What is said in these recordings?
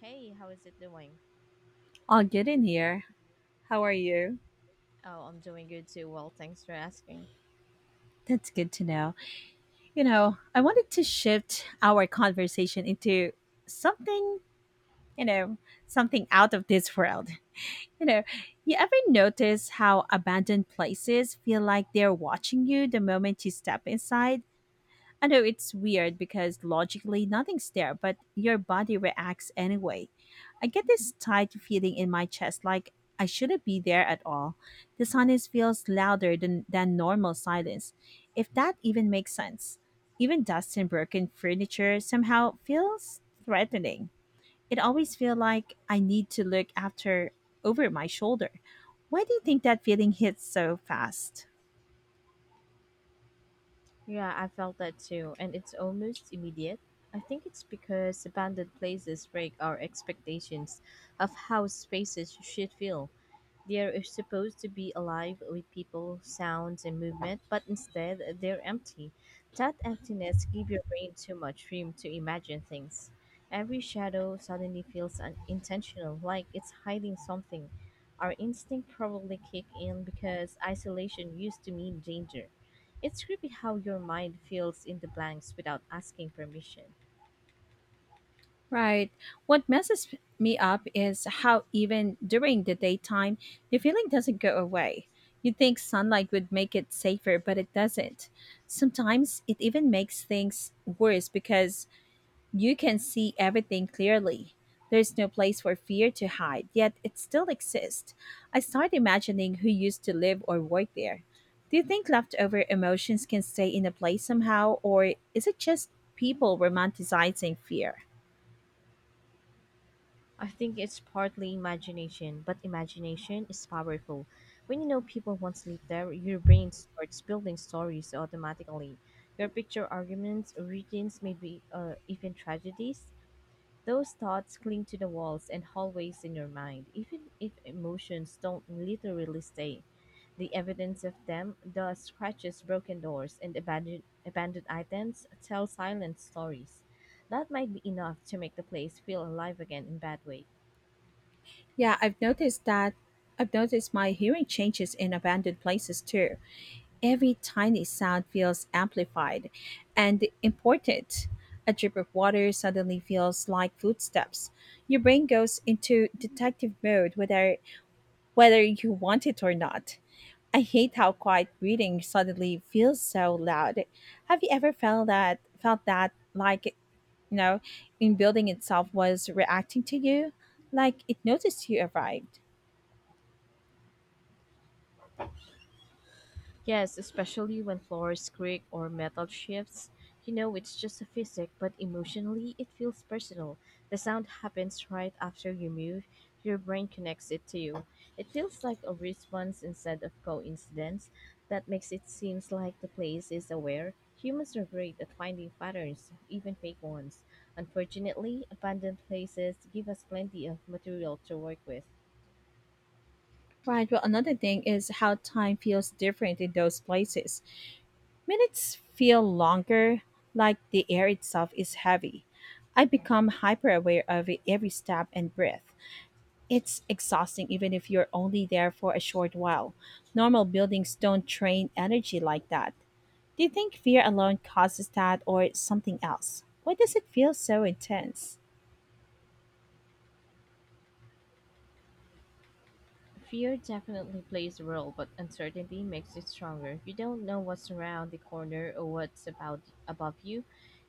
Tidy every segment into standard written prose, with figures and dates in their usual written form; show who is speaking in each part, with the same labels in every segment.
Speaker 1: Hey, how is it doing?
Speaker 2: All good in here. How are you?
Speaker 1: Oh, I'm doing good too. Well, thanks for asking.
Speaker 2: That's good to know. You know, I wanted to shift our conversation into something, you know, something out of this world. You know, you ever notice how abandoned places feel like they're watching you the moment you step inside? I know it's weird because logically nothing's there, but your body reacts anyway. I get this tight feeling in my chest like I shouldn't be there at all. The silence feels louder than normal silence, if that even makes sense. Even dust and broken furniture somehow feels threatening. It always feels like I need to look after over my shoulder. Why do you think that feeling hits so fast?
Speaker 1: Yeah, I felt that too, and it's almost immediate. I think it's because abandoned places break our expectations of how spaces should feel. They're supposed to be alive with people, sounds, and movement, but instead they're empty. That emptiness gives your brain too much room to imagine things. Every shadow suddenly feels unintentional, like it's hiding something. Our instinct probably kick in because isolation used to mean danger. It's creepy how your mind fills in the blanks without asking permission.
Speaker 2: Right. What messes me up is how even during the daytime, the feeling doesn't go away. You think sunlight would make it safer, but it doesn't. Sometimes it even makes things worse because you can see everything clearly. There's no place for fear to hide, yet it still exists. I start imagining who used to live or work there. Do you think leftover emotions can stay in a place somehow, or is it just people romanticizing fear?
Speaker 1: I think it's partly imagination, but imagination is powerful. When you know people once live there, your brain starts building stories automatically. Your picture arguments, origins, maybe even tragedies. Those thoughts cling to the walls and hallways in your mind, even if emotions don't literally stay. The evidence of them, the scratches, broken doors, and abandoned items, tell silent stories. That might be enough to make the place feel alive again in bad way.
Speaker 2: Yeah, I've noticed that. I've noticed my hearing changes in abandoned places too. Every tiny sound feels amplified and important. A drip of water suddenly feels like footsteps. Your brain goes into detective mode whether you want it or not. I hate how quiet breathing suddenly feels so loud. Have you ever felt that like you know, in building itself was reacting to you? Like it noticed you arrived.
Speaker 1: Yes, especially when floors creak or metal shifts. You know, it's just a physic, but emotionally, it feels personal. The sound happens right after you move, your brain connects it to you. It feels like a response instead of coincidence. That makes it seems like the place is aware. Humans are great at finding patterns, even fake ones. Unfortunately, abandoned places give us plenty of material to work with.
Speaker 2: Right. Well, another thing is how time feels different in those places. Minutes feel longer, like the air itself is heavy. I become hyper aware of every step and breath. It's exhausting, even if you're only there for a short while. Normal buildings don't train energy like that. Do you think fear alone causes that or something else? Why does it feel so intense?
Speaker 1: Fear definitely plays a role, but uncertainty makes it stronger. You don't know what's around the corner or what's about above you.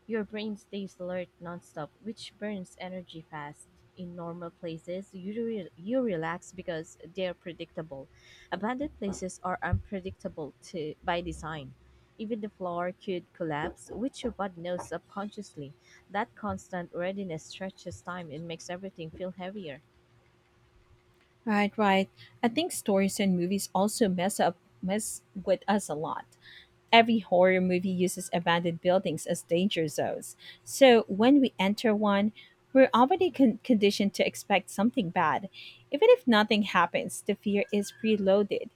Speaker 1: Your brain stays alert nonstop, which burns energy fast. In normal places, you relax because they're predictable. Abandoned places are unpredictable to by design. Even the floor could collapse, which your body knows subconsciously. That constant readiness stretches time and makes everything feel heavier.
Speaker 2: Right, right. I think stories and movies also mess with us a lot. Every horror movie uses abandoned buildings as danger zones. So when we enter one, we're already conditioned to expect something bad. Even if nothing happens, the fear is preloaded.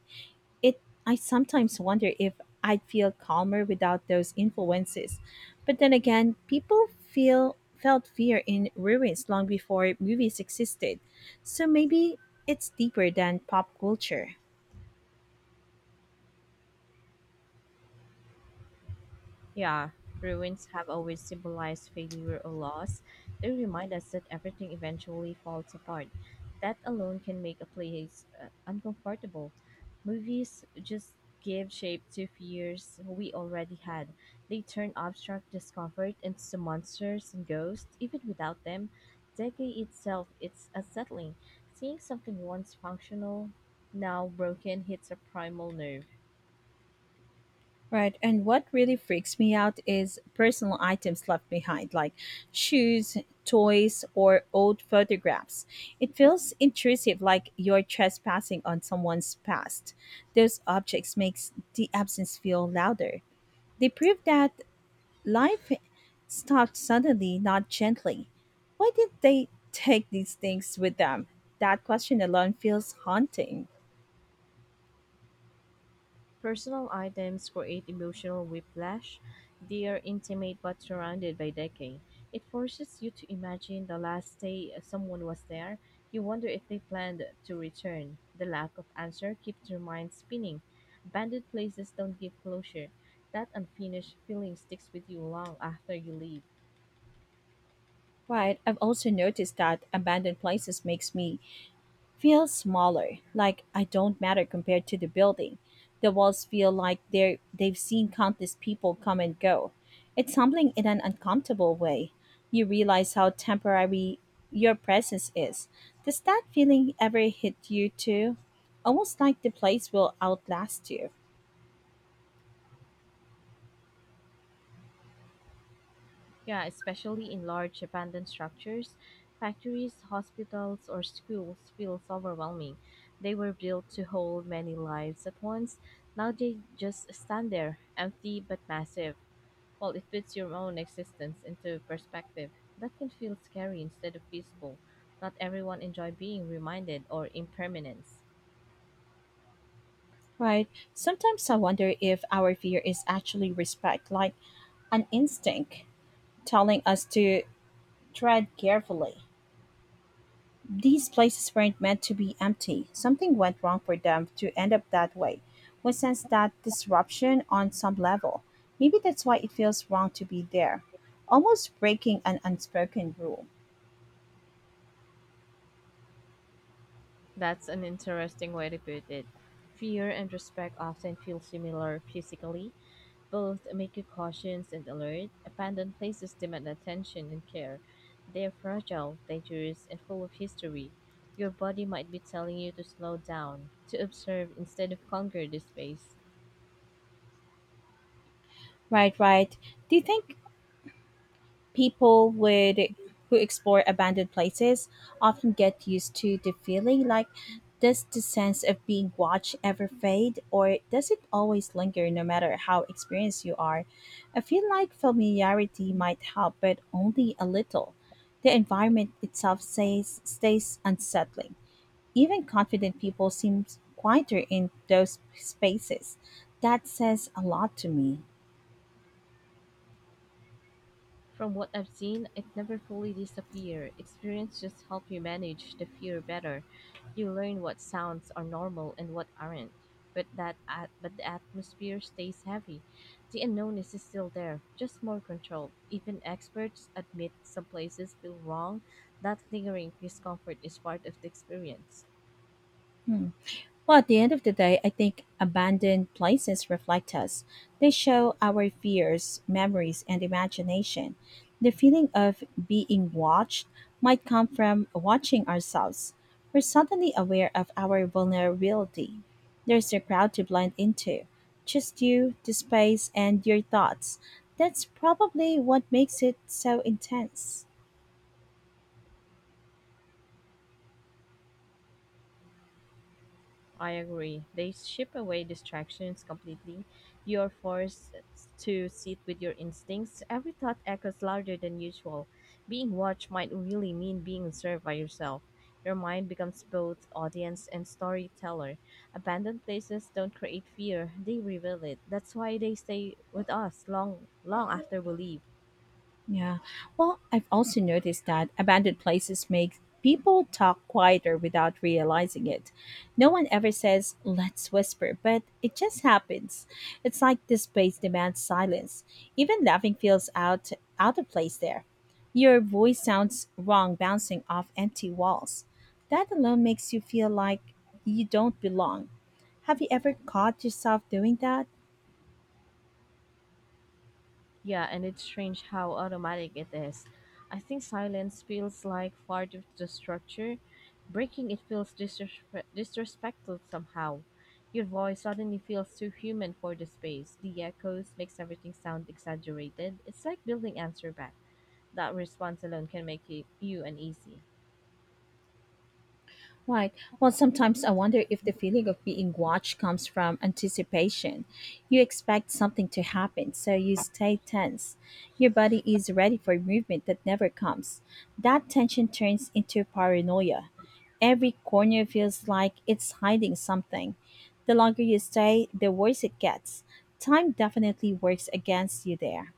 Speaker 2: It I sometimes wonder if I'd feel calmer without those influences. But then again, people feel felt fear in ruins long before movies existed. So maybe it's deeper than pop culture.
Speaker 1: Yeah, ruins have always symbolized failure or loss. They remind us that everything eventually falls apart. That alone can make a place uncomfortable. Movies just give shape to fears we already had. They turn abstract discomfort into monsters and ghosts. Even without them, decay itself is unsettling. Seeing something once functional, now broken, hits a primal nerve.
Speaker 2: Right. And what really freaks me out is personal items left behind, like shoes, toys, or old photographs. It feels intrusive, like you're trespassing on someone's past. Those objects makes the absence feel louder. They prove that life stopped suddenly, not gently. Why did they take these things with them? That question alone feels haunting.
Speaker 1: Personal items create emotional whiplash. They are intimate but surrounded by decay. It forces you to imagine the last day someone was there. You wonder if they planned to return. The lack of answer keeps your mind spinning. Abandoned places don't give closure. That unfinished feeling sticks with you long after you leave.
Speaker 2: Right. I've also noticed that abandoned places makes me feels smaller, like I don't matter compared to the building. The walls feel like they've seen countless people come and go. It's humbling in an uncomfortable way. You realize how temporary your presence is. Does that feeling ever hit you too? Almost like the place will outlast you.
Speaker 1: Yeah, especially in large abandoned structures, factories, hospitals, or schools feels overwhelming. They were built to hold many lives at once. Now they just stand there, empty but massive. Well, it puts your own existence into perspective. That can feel scary instead of peaceful. Not everyone enjoy being reminded or impermanence.
Speaker 2: Right. Sometimes I wonder if our fear is actually respect, like an instinct telling us to tread carefully. These places weren't meant to be empty. Something went wrong for them to end up that way. We sense that disruption on some level. Maybe that's why it feels wrong to be there. Almost breaking an unspoken rule.
Speaker 1: That's an interesting way to put it. Fear and respect often feel similar physically, both make you cautious and alert. Abandoned places demand attention and care. They are fragile, dangerous, and full of history. Your body might be telling you to slow down, to observe instead of conquer this space.
Speaker 2: Right, right. Do you think people would who explore abandoned places often get used to the feeling like, does the sense of being watched ever fade, or does it always linger no matter how experienced you are? I feel like familiarity might help but only a little. The environment itself stays unsettling. Even confident people seem quieter in those spaces. That says a lot to me.
Speaker 1: From what I've seen, it never fully disappears. Experience just help you manage the fear better. You learn what sounds are normal and what aren't. But the atmosphere stays heavy. The unknown is still there, just more controlled. Even experts admit some places feel wrong. That lingering discomfort is part of the experience.
Speaker 2: Hmm. Well, at the end of the day, I think abandoned places reflect us. They show our fears, memories, and imagination. The feeling of being watched might come from watching ourselves. We're suddenly aware of our vulnerability. There's a crowd to blend into, just you, the space, and your thoughts. That's probably what makes it so intense.
Speaker 1: I agree. They ship away distractions completely. You're forced to sit with your instincts. Every thought echoes louder than usual. Being watched might really mean being observed by yourself. Your mind becomes both audience and storyteller. Abandoned places don't create fear, they reveal it. That's why they stay with us long after we leave.
Speaker 2: Yeah. Well, I've also noticed that abandoned places make people talk quieter without realizing it. No one ever says, let's whisper, but it just happens. It's like this space demands silence. Even laughing feels out of place there. Your voice sounds wrong bouncing off empty walls. That alone makes you feel like you don't belong. Have you ever caught yourself doing that?
Speaker 1: Yeah, and it's strange how automatic it is. I think silence feels like part of the structure. Breaking it feels disrespectful somehow. Your voice suddenly feels too human for the space. The echoes makes everything sound exaggerated. It's like building answer back. That response alone can make you uneasy.
Speaker 2: Right. Well, sometimes I wonder if the feeling of being watched comes from anticipation. You expect something to happen, so you stay tense. Your body is ready for movement that never comes. That tension turns into paranoia. Every corner feels like it's hiding something. The longer you stay, the worse it gets. Time definitely works against you there.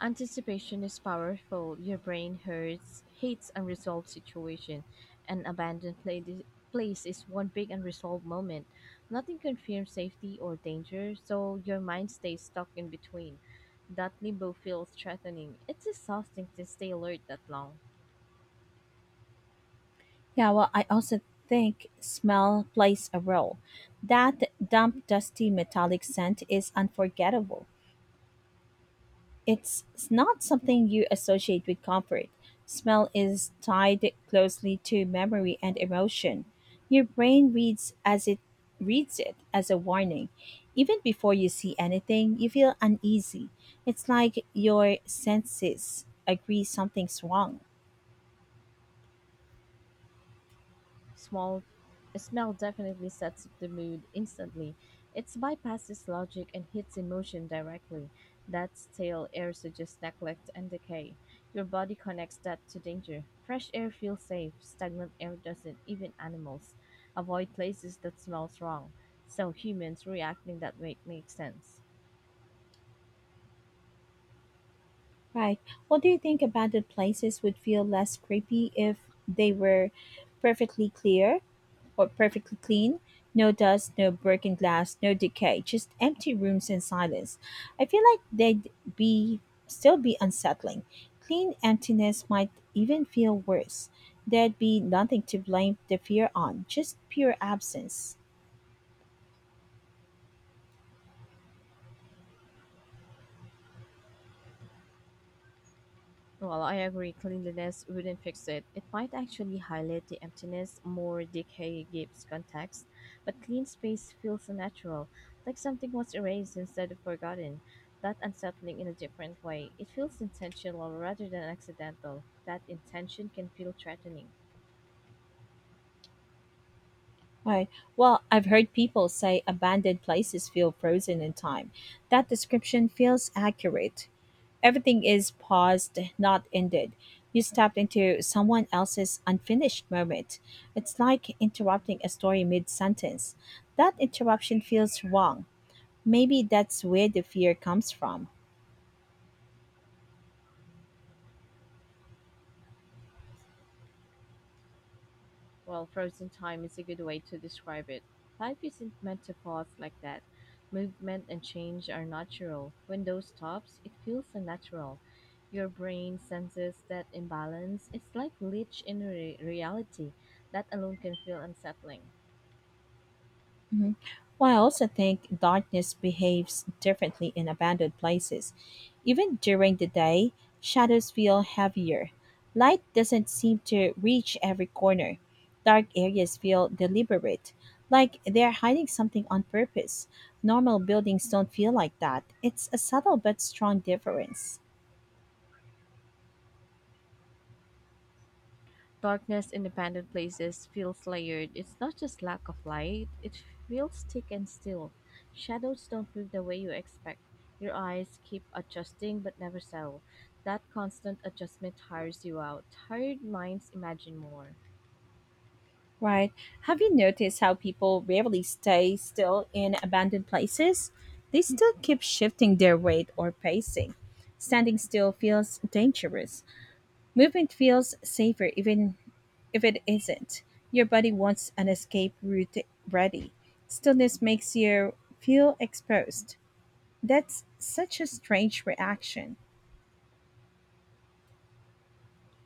Speaker 1: Anticipation is powerful. Your brain hurts, hates unresolved situation. An abandoned place is one big unresolved moment. Nothing confirms safety or danger, so your mind stays stuck in between. That limbo feels threatening. It's exhausting to stay alert that long.
Speaker 2: Yeah, well, I also think smell plays a role. That damp, dusty, metallic scent is unforgettable. It's not something you associate with comfort. Smell is tied closely to memory and emotion. Your brain reads it as a warning. Even before you see anything, you feel uneasy. It's like your senses agree something's wrong.
Speaker 1: Small smell definitely sets the mood instantly. It bypasses logic and hits emotion directly. That stale air suggests neglect and decay. Your body connects that to danger. Fresh air feels safe. Stagnant air doesn't. Even animals avoid places that smells wrong. So humans reacting that way makes sense.
Speaker 2: Right. What do you think, abandoned places would feel less creepy if they were perfectly clear or perfectly clean? No dust, no broken glass, no decay, just empty rooms and silence. I feel like they'd be still be unsettling. Clean emptiness might even feel worse. There'd be nothing to blame the fear on, just pure absence.
Speaker 1: Well, I agree, cleanliness wouldn't fix it. It might actually highlight the emptiness, more decay gives context, but clean space feels unnatural, like something was erased instead of forgotten. That unsettling in a different way. It feels intentional rather than accidental. That intention can feel threatening.
Speaker 2: Right. Well, I've heard people say abandoned places feel frozen in time. That description feels accurate. Everything is paused, not ended. You stepped into someone else's unfinished moment. It's like interrupting a story mid sentence. That interruption feels wrong. Maybe that's where the fear comes from.
Speaker 1: Well, frozen time is a good way to describe it. Life isn't meant to pause like that. Movement and change are natural. When those stops, it feels unnatural. Your brain senses that imbalance. It's like glitch in reality. That alone can feel unsettling.
Speaker 2: Mhm. Well, I also think darkness behaves differently in abandoned places. Even during the day, shadows feel heavier. Light doesn't seem to reach every corner. Dark areas feel deliberate, like they're hiding something on purpose. Normal buildings don't feel like that. It's a subtle but strong difference.
Speaker 1: Darkness in abandoned places feels layered. It's not just lack of light, it feels thick and still. Shadows don't move the way you expect. Your eyes keep adjusting but never settle. That constant adjustment tires you out. Tired minds imagine more.
Speaker 2: Right. Have you noticed how people rarely stay still in abandoned places? They still keep shifting their weight or pacing. Standing still feels dangerous. Movement feels safer even if it isn't. Your body wants an escape route ready. Stillness makes you feel exposed. That's such a strange reaction.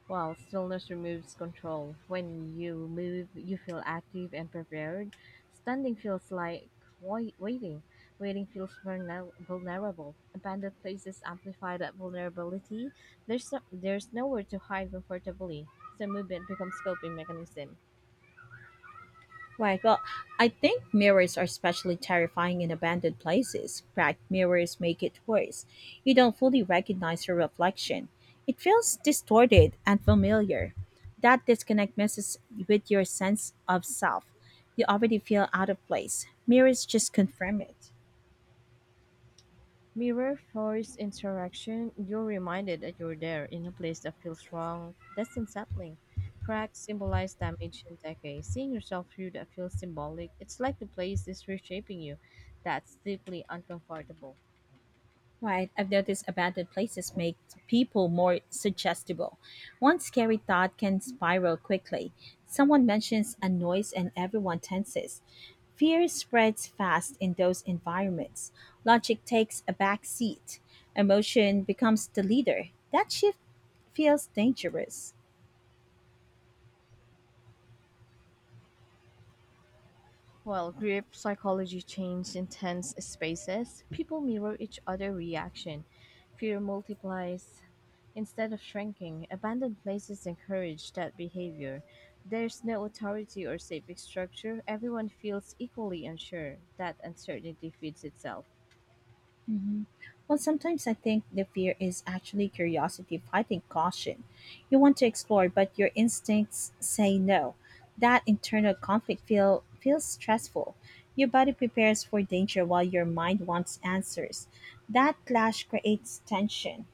Speaker 1: While stillness removes control. When you move, you feel active and prepared. Standing feels like waiting. Waiting feels vulnerable. Abandoned places amplify that vulnerability. There's, no- there's nowhere to hide comfortably. So movement becomes coping mechanism.
Speaker 2: Right. Well, I think mirrors are especially terrifying in abandoned places. Cracked mirrors make it worse. You don't fully recognize your reflection. It feels distorted and familiar. That disconnect messes with your sense of self. You already feel out of place. Mirrors just confirm it.
Speaker 1: Mirror force interaction, you're reminded that you're there in a place that feels wrong. That's unsettling. Cracks symbolize damage and decay. Seeing yourself through that feels symbolic. It's like the place is reshaping you. That's deeply uncomfortable.
Speaker 2: Right. I've noticed abandoned places make people more suggestible. One scary thought can spiral quickly. Someone mentions a noise and everyone tenses. Fear spreads fast in those environments. Logic takes a back seat. Emotion becomes the leader. That shift feels dangerous.
Speaker 1: While group psychology changes intense spaces, people mirror each other's reaction. Fear multiplies, instead of shrinking, abandoned places encourage that behavior. There's no authority or safe structure. Everyone feels equally unsure. That uncertainty feeds itself.
Speaker 2: Hmm. Well, sometimes I think the fear is actually curiosity fighting caution. You want to explore, but your instincts say no. That internal conflict feels stressful. Your body prepares for danger while your mind wants answers. That clash creates tension,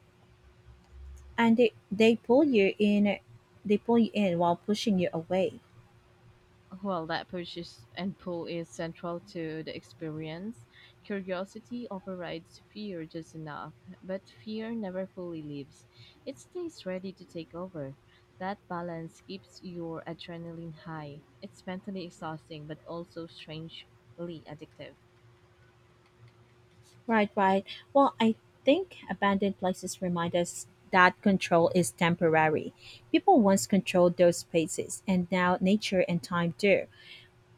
Speaker 2: and they pull you in while pushing you away.
Speaker 1: Well, that push is, and pull is central to the experience. Curiosity overrides fear just enough, but fear never fully leaves. It stays ready to take over. That balance keeps your adrenaline high. It's mentally exhausting, but also strangely addictive.
Speaker 2: Right, right. Well, I think abandoned places remind us that control is temporary. People once controlled those spaces, and now nature and time do.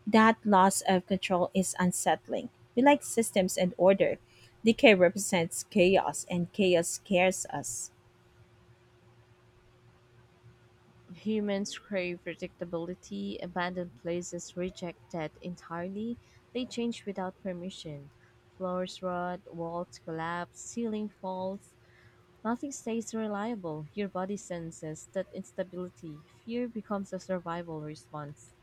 Speaker 2: That loss of control is unsettling. We like systems and order. Decay represents chaos, and chaos scares us.
Speaker 1: Humans crave predictability, abandoned places reject that entirely, they change without permission. Floors rot, walls collapse, ceiling falls. Nothing stays reliable. Your body senses that instability. Fear becomes a survival response.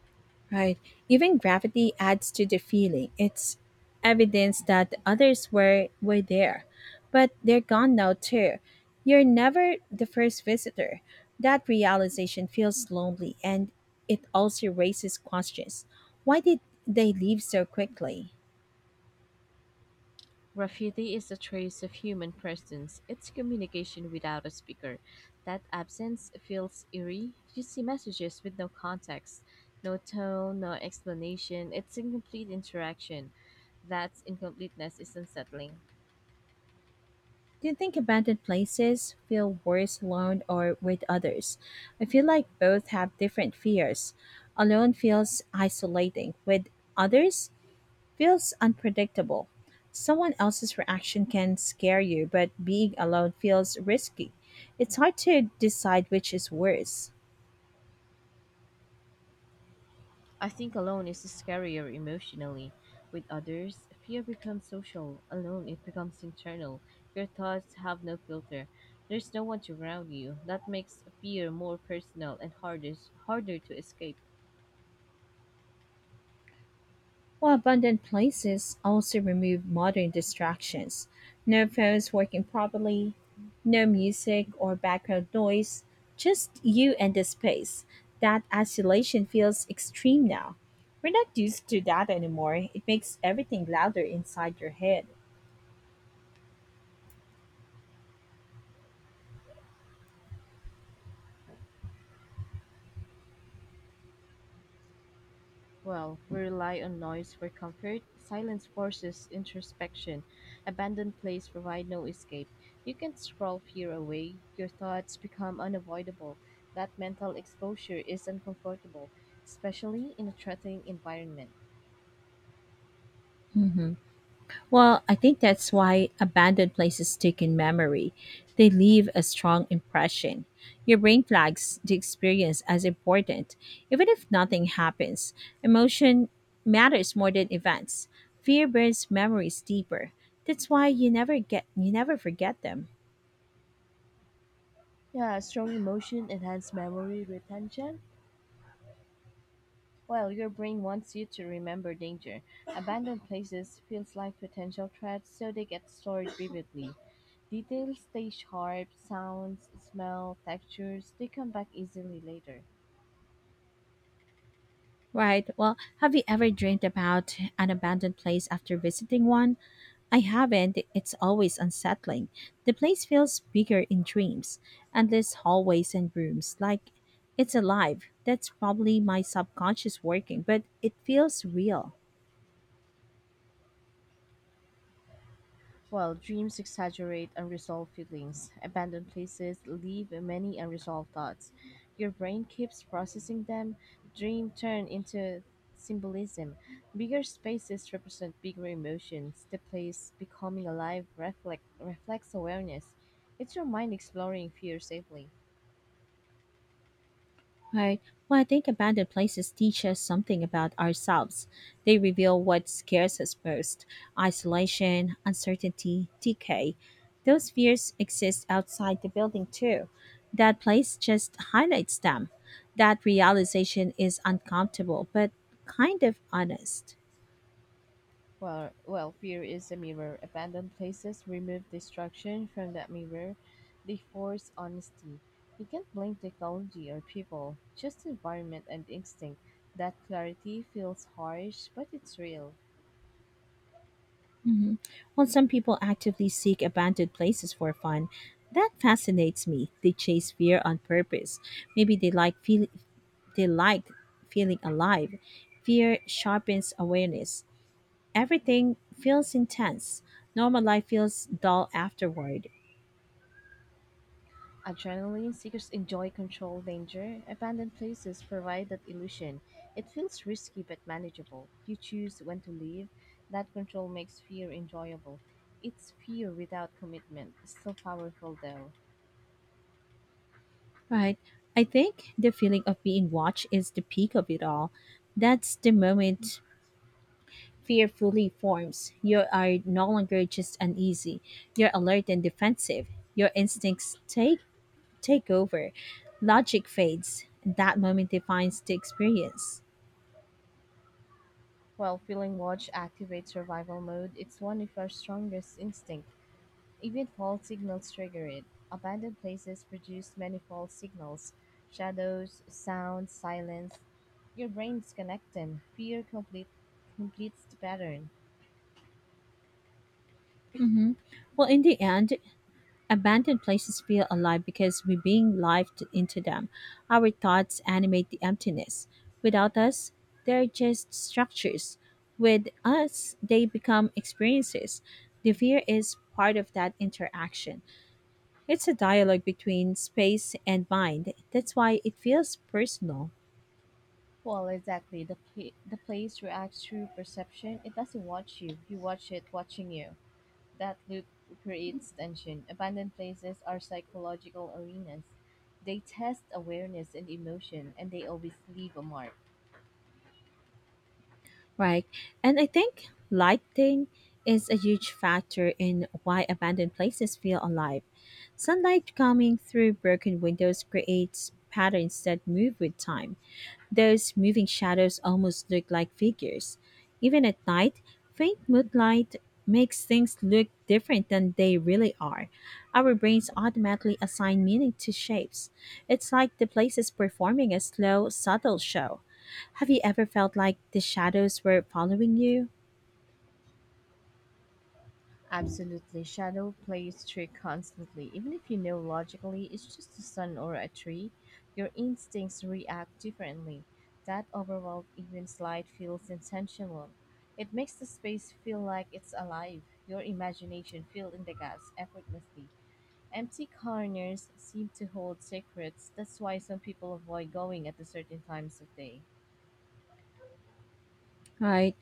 Speaker 2: Right. Even gravity adds to the feeling. It's evidence that the others were there. But they're gone now too. You're never the first visitor. That realization feels lonely and it also raises questions. Why did they leave so quickly?
Speaker 1: Graffiti is a trace of human presence. It's communication without a speaker. That absence feels eerie. You see messages with no context, no tone, no explanation. It's incomplete interaction. That incompleteness is unsettling.
Speaker 2: Do you think abandoned places feel worse alone or with others? I feel like both have different fears. Alone feels isolating. With others, feels unpredictable. Someone else's reaction can scare you, but being alone feels risky. It's hard to decide which is worse.
Speaker 1: I think alone is scarier emotionally. With others, fear becomes social. Alone, it becomes internal. Your thoughts have no filter. There's no one to ground you. That makes fear more personal and harder to escape.
Speaker 2: Well, abundant places also remove modern distractions. No phones working properly, no music or background noise, just you and the space. That isolation feels extreme now. We're not used to that anymore. It makes everything louder inside your head.
Speaker 1: Well, we rely on noise for comfort. Silence forces introspection. Abandoned place provide no escape. You can scroll fear away. Your thoughts become unavoidable. That mental exposure is uncomfortable, especially in a threatening environment.
Speaker 2: Mhm. Well, I think that's why abandoned places stick in memory. They leave a strong impression. Your brain flags the experience as important. Even if nothing happens, emotion matters more than events. Fear burns memories deeper. That's why you never forget them.
Speaker 1: Yeah, strong emotion enhance memory retention. Well, your brain wants you to remember danger. Abandoned places feels like potential threats, so they get stored vividly. Details stay sharp, sounds, smell, textures, they come back easily later.
Speaker 2: Right. Well, have you ever dreamed about an abandoned place after visiting one? I haven't. It's always unsettling. The place feels bigger in dreams, endless hallways and rooms, like it's alive. That's probably my subconscious working, but it feels real.
Speaker 1: While dreams exaggerate unresolved feelings, abandoned places leave many unresolved thoughts. Your brain keeps processing them, dream turn into symbolism. Bigger spaces represent bigger emotions, the place becoming alive reflects awareness. It's your mind exploring fear safely.
Speaker 2: Right. Well, I think abandoned places teach us something about ourselves. They reveal what scares us most, isolation, uncertainty, decay. Those fears exist outside the building, too. That place just highlights them. That realization is uncomfortable, but kind of honest.
Speaker 1: Well, fear is a mirror. Abandoned places remove destruction from that mirror. They force honesty. You can't blame technology or people, just environment and instinct. That clarity feels harsh, but it's real.
Speaker 2: Hmm. While some people actively seek abandoned places for fun, that fascinates me. They chase fear on purpose. Maybe they like feel- They like feeling alive. Fear sharpens awareness. Everything feels intense. Normal life feels dull afterward.
Speaker 1: Adrenaline seekers enjoy control danger. Abandoned places provide that illusion. It feels risky but manageable. You choose when to leave. That control makes fear enjoyable. It's fear without commitment, still powerful though.
Speaker 2: Right. I think the feeling of being watched is the peak of it all. That's the moment fear fully forms. You are no longer just uneasy. You're alert and defensive. Your instincts take over. Logic fades. That moment defines the experience.
Speaker 1: While feeling watch activates survival mode, it's one of our strongest instincts. Even false signals trigger it. Abandoned places produce many false signals shadows, sounds, silence. Your brain's connecting. Fear completes the pattern.
Speaker 2: Hmm. Well, in the end, abandoned places feel alive because we're being lived into them. Our thoughts animate the emptiness. Without us, they're just structures. With us, they become experiences. The fear is part of that interaction. It's a dialogue between space and mind. That's why it feels personal.
Speaker 1: Well, exactly. The place reacts through perception. It doesn't watch you, you watch it watching you. That loop creates tension. Abandoned places are psychological arenas. They test awareness and emotion, and they always leave a mark.
Speaker 2: Right. And I think lighting is a huge factor in why abandoned places feel alive. Sunlight coming through broken windows creates patterns that move with time. Those moving shadows almost look like figures. Even at night, faint moonlight makes things look different than they really are. Our brains automatically assign meaning to shapes. It's like the place is performing a slow, subtle show. Have you ever felt like the shadows were following you?
Speaker 1: Absolutely. Shadow plays trick constantly. Even if you know logically it's just a sun or a tree, your instincts react differently. That overwhelm, even slight, feels intentional. It makes the space feel like it's alive. Your imagination fills in the gaps effortlessly. Empty corners seem to hold secrets. That's why some people avoid going at the certain times of day.
Speaker 2: Right.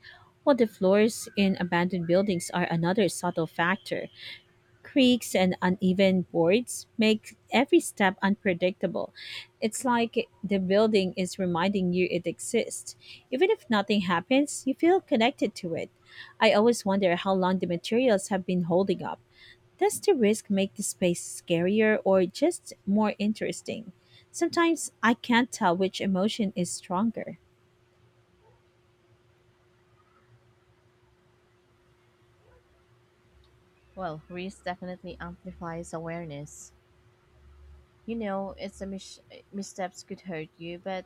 Speaker 2: Well, the floors in abandoned buildings are another subtle factor. Creaks and uneven boards make every step unpredictable. It's like the building is reminding you it exists. Even if nothing happens, you feel connected to it. I always wonder how long the materials have been holding up. Does the risk make the space scarier or just more interesting? Sometimes I can't tell which emotion is stronger.
Speaker 1: Well, risk definitely amplifies awareness. You know, missteps could hurt you, but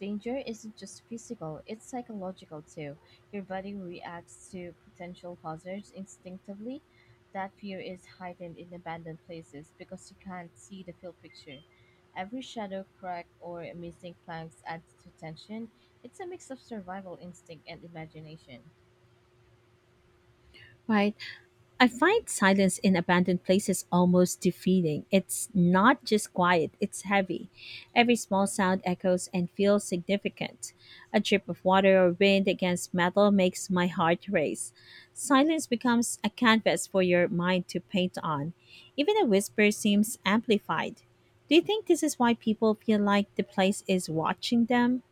Speaker 1: danger isn't just physical, it's psychological too. Your body reacts to potential hazards instinctively. That fear is heightened in abandoned places because you can't see the full picture. Every shadow, crack, or missing planks adds to tension. It's a mix of survival instinct and imagination.
Speaker 2: Right. I find silence in abandoned places almost defeating. It's not just quiet, it's heavy. Every small sound echoes and feels significant. A drip of water or wind against metal makes my heart race. Silence becomes a canvas for your mind to paint on. Even a whisper seems amplified. Do you think this is why people feel like the place is watching them?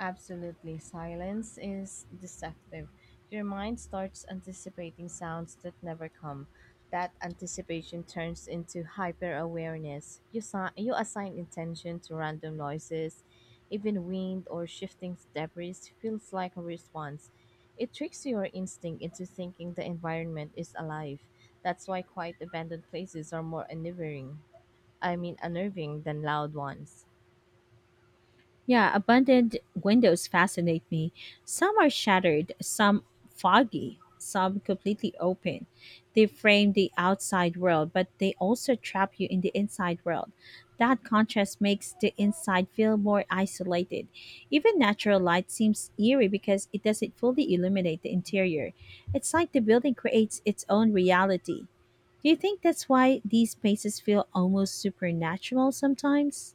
Speaker 1: Absolutely, silence is deceptive. Your mind starts anticipating sounds that never come. That anticipation turns into hyper awareness. You assign intention to random noises. Even wind or shifting debris feels like a response. It tricks your instinct into thinking the environment is alive. That's why quiet, abandoned places are more unnerving. I mean, unnerving than loud ones.
Speaker 2: Yeah, abandoned windows fascinate me. Some are shattered, some foggy, some completely open. They frame the outside world, but they also trap you in the inside world. That contrast makes the inside feel more isolated. Even natural light seems eerie because it doesn't fully illuminate the interior. It's like the building creates its own reality. Do you think that's why these spaces feel almost supernatural sometimes?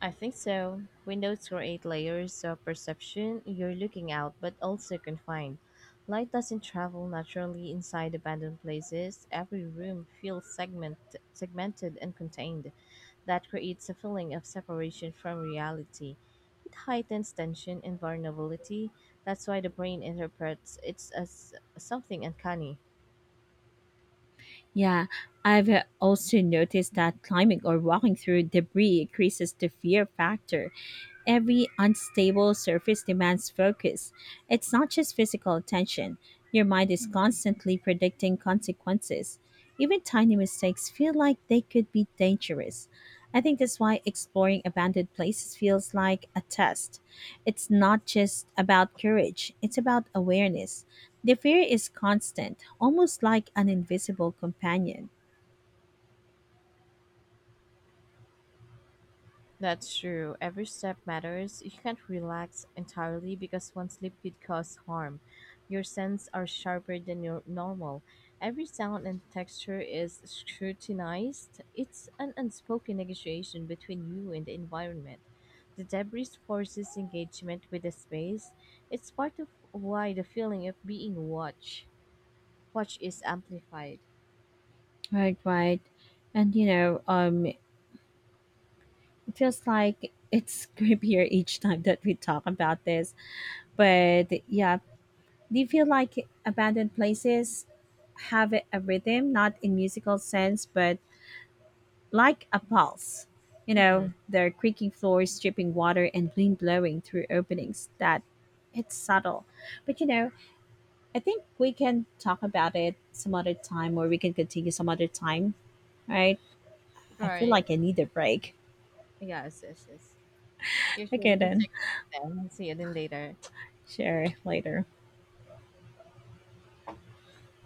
Speaker 1: I think so. Windows create layers of perception. You're looking out, but also confined. Light doesn't travel naturally inside abandoned places. Every room feels segmented and contained. That creates a feeling of separation from reality. It heightens tension and vulnerability. That's why the brain interprets it as something uncanny.
Speaker 2: Yeah, I've also noticed that climbing or walking through debris increases the fear factor. Every unstable surface demands focus. It's not just physical attention. Your mind is constantly predicting consequences. Even tiny mistakes feel like they could be dangerous. I think that's why exploring abandoned places feels like a test. It's not just about courage, it's about awareness. The fear is constant, almost like an invisible companion.
Speaker 1: That's true. Every step matters. You can't relax entirely because one slip could cause harm. Your senses are sharper than your normal. Every sound and texture is scrutinized. It's an unspoken negotiation between you and the environment. The debris forces engagement with the space. It's part of why the feeling of being watched watch is amplified.
Speaker 2: Right, right. And you know, feels like it's creepier each time that we talk about this. But yeah, do you feel like abandoned places have a rhythm, not in musical sense, but like a pulse? You
Speaker 1: Mm-hmm.
Speaker 2: know, their creaking floors dripping water and wind blowing through openings that it's subtle. But you know, I think we can talk about it some other time or we can continue some other time, right? I feel
Speaker 1: Right.
Speaker 2: like I need a break.
Speaker 1: Yes, yes, yes. You sure
Speaker 2: Okay,
Speaker 1: we can
Speaker 2: then.
Speaker 1: take a break then? See you then later.
Speaker 2: Share later.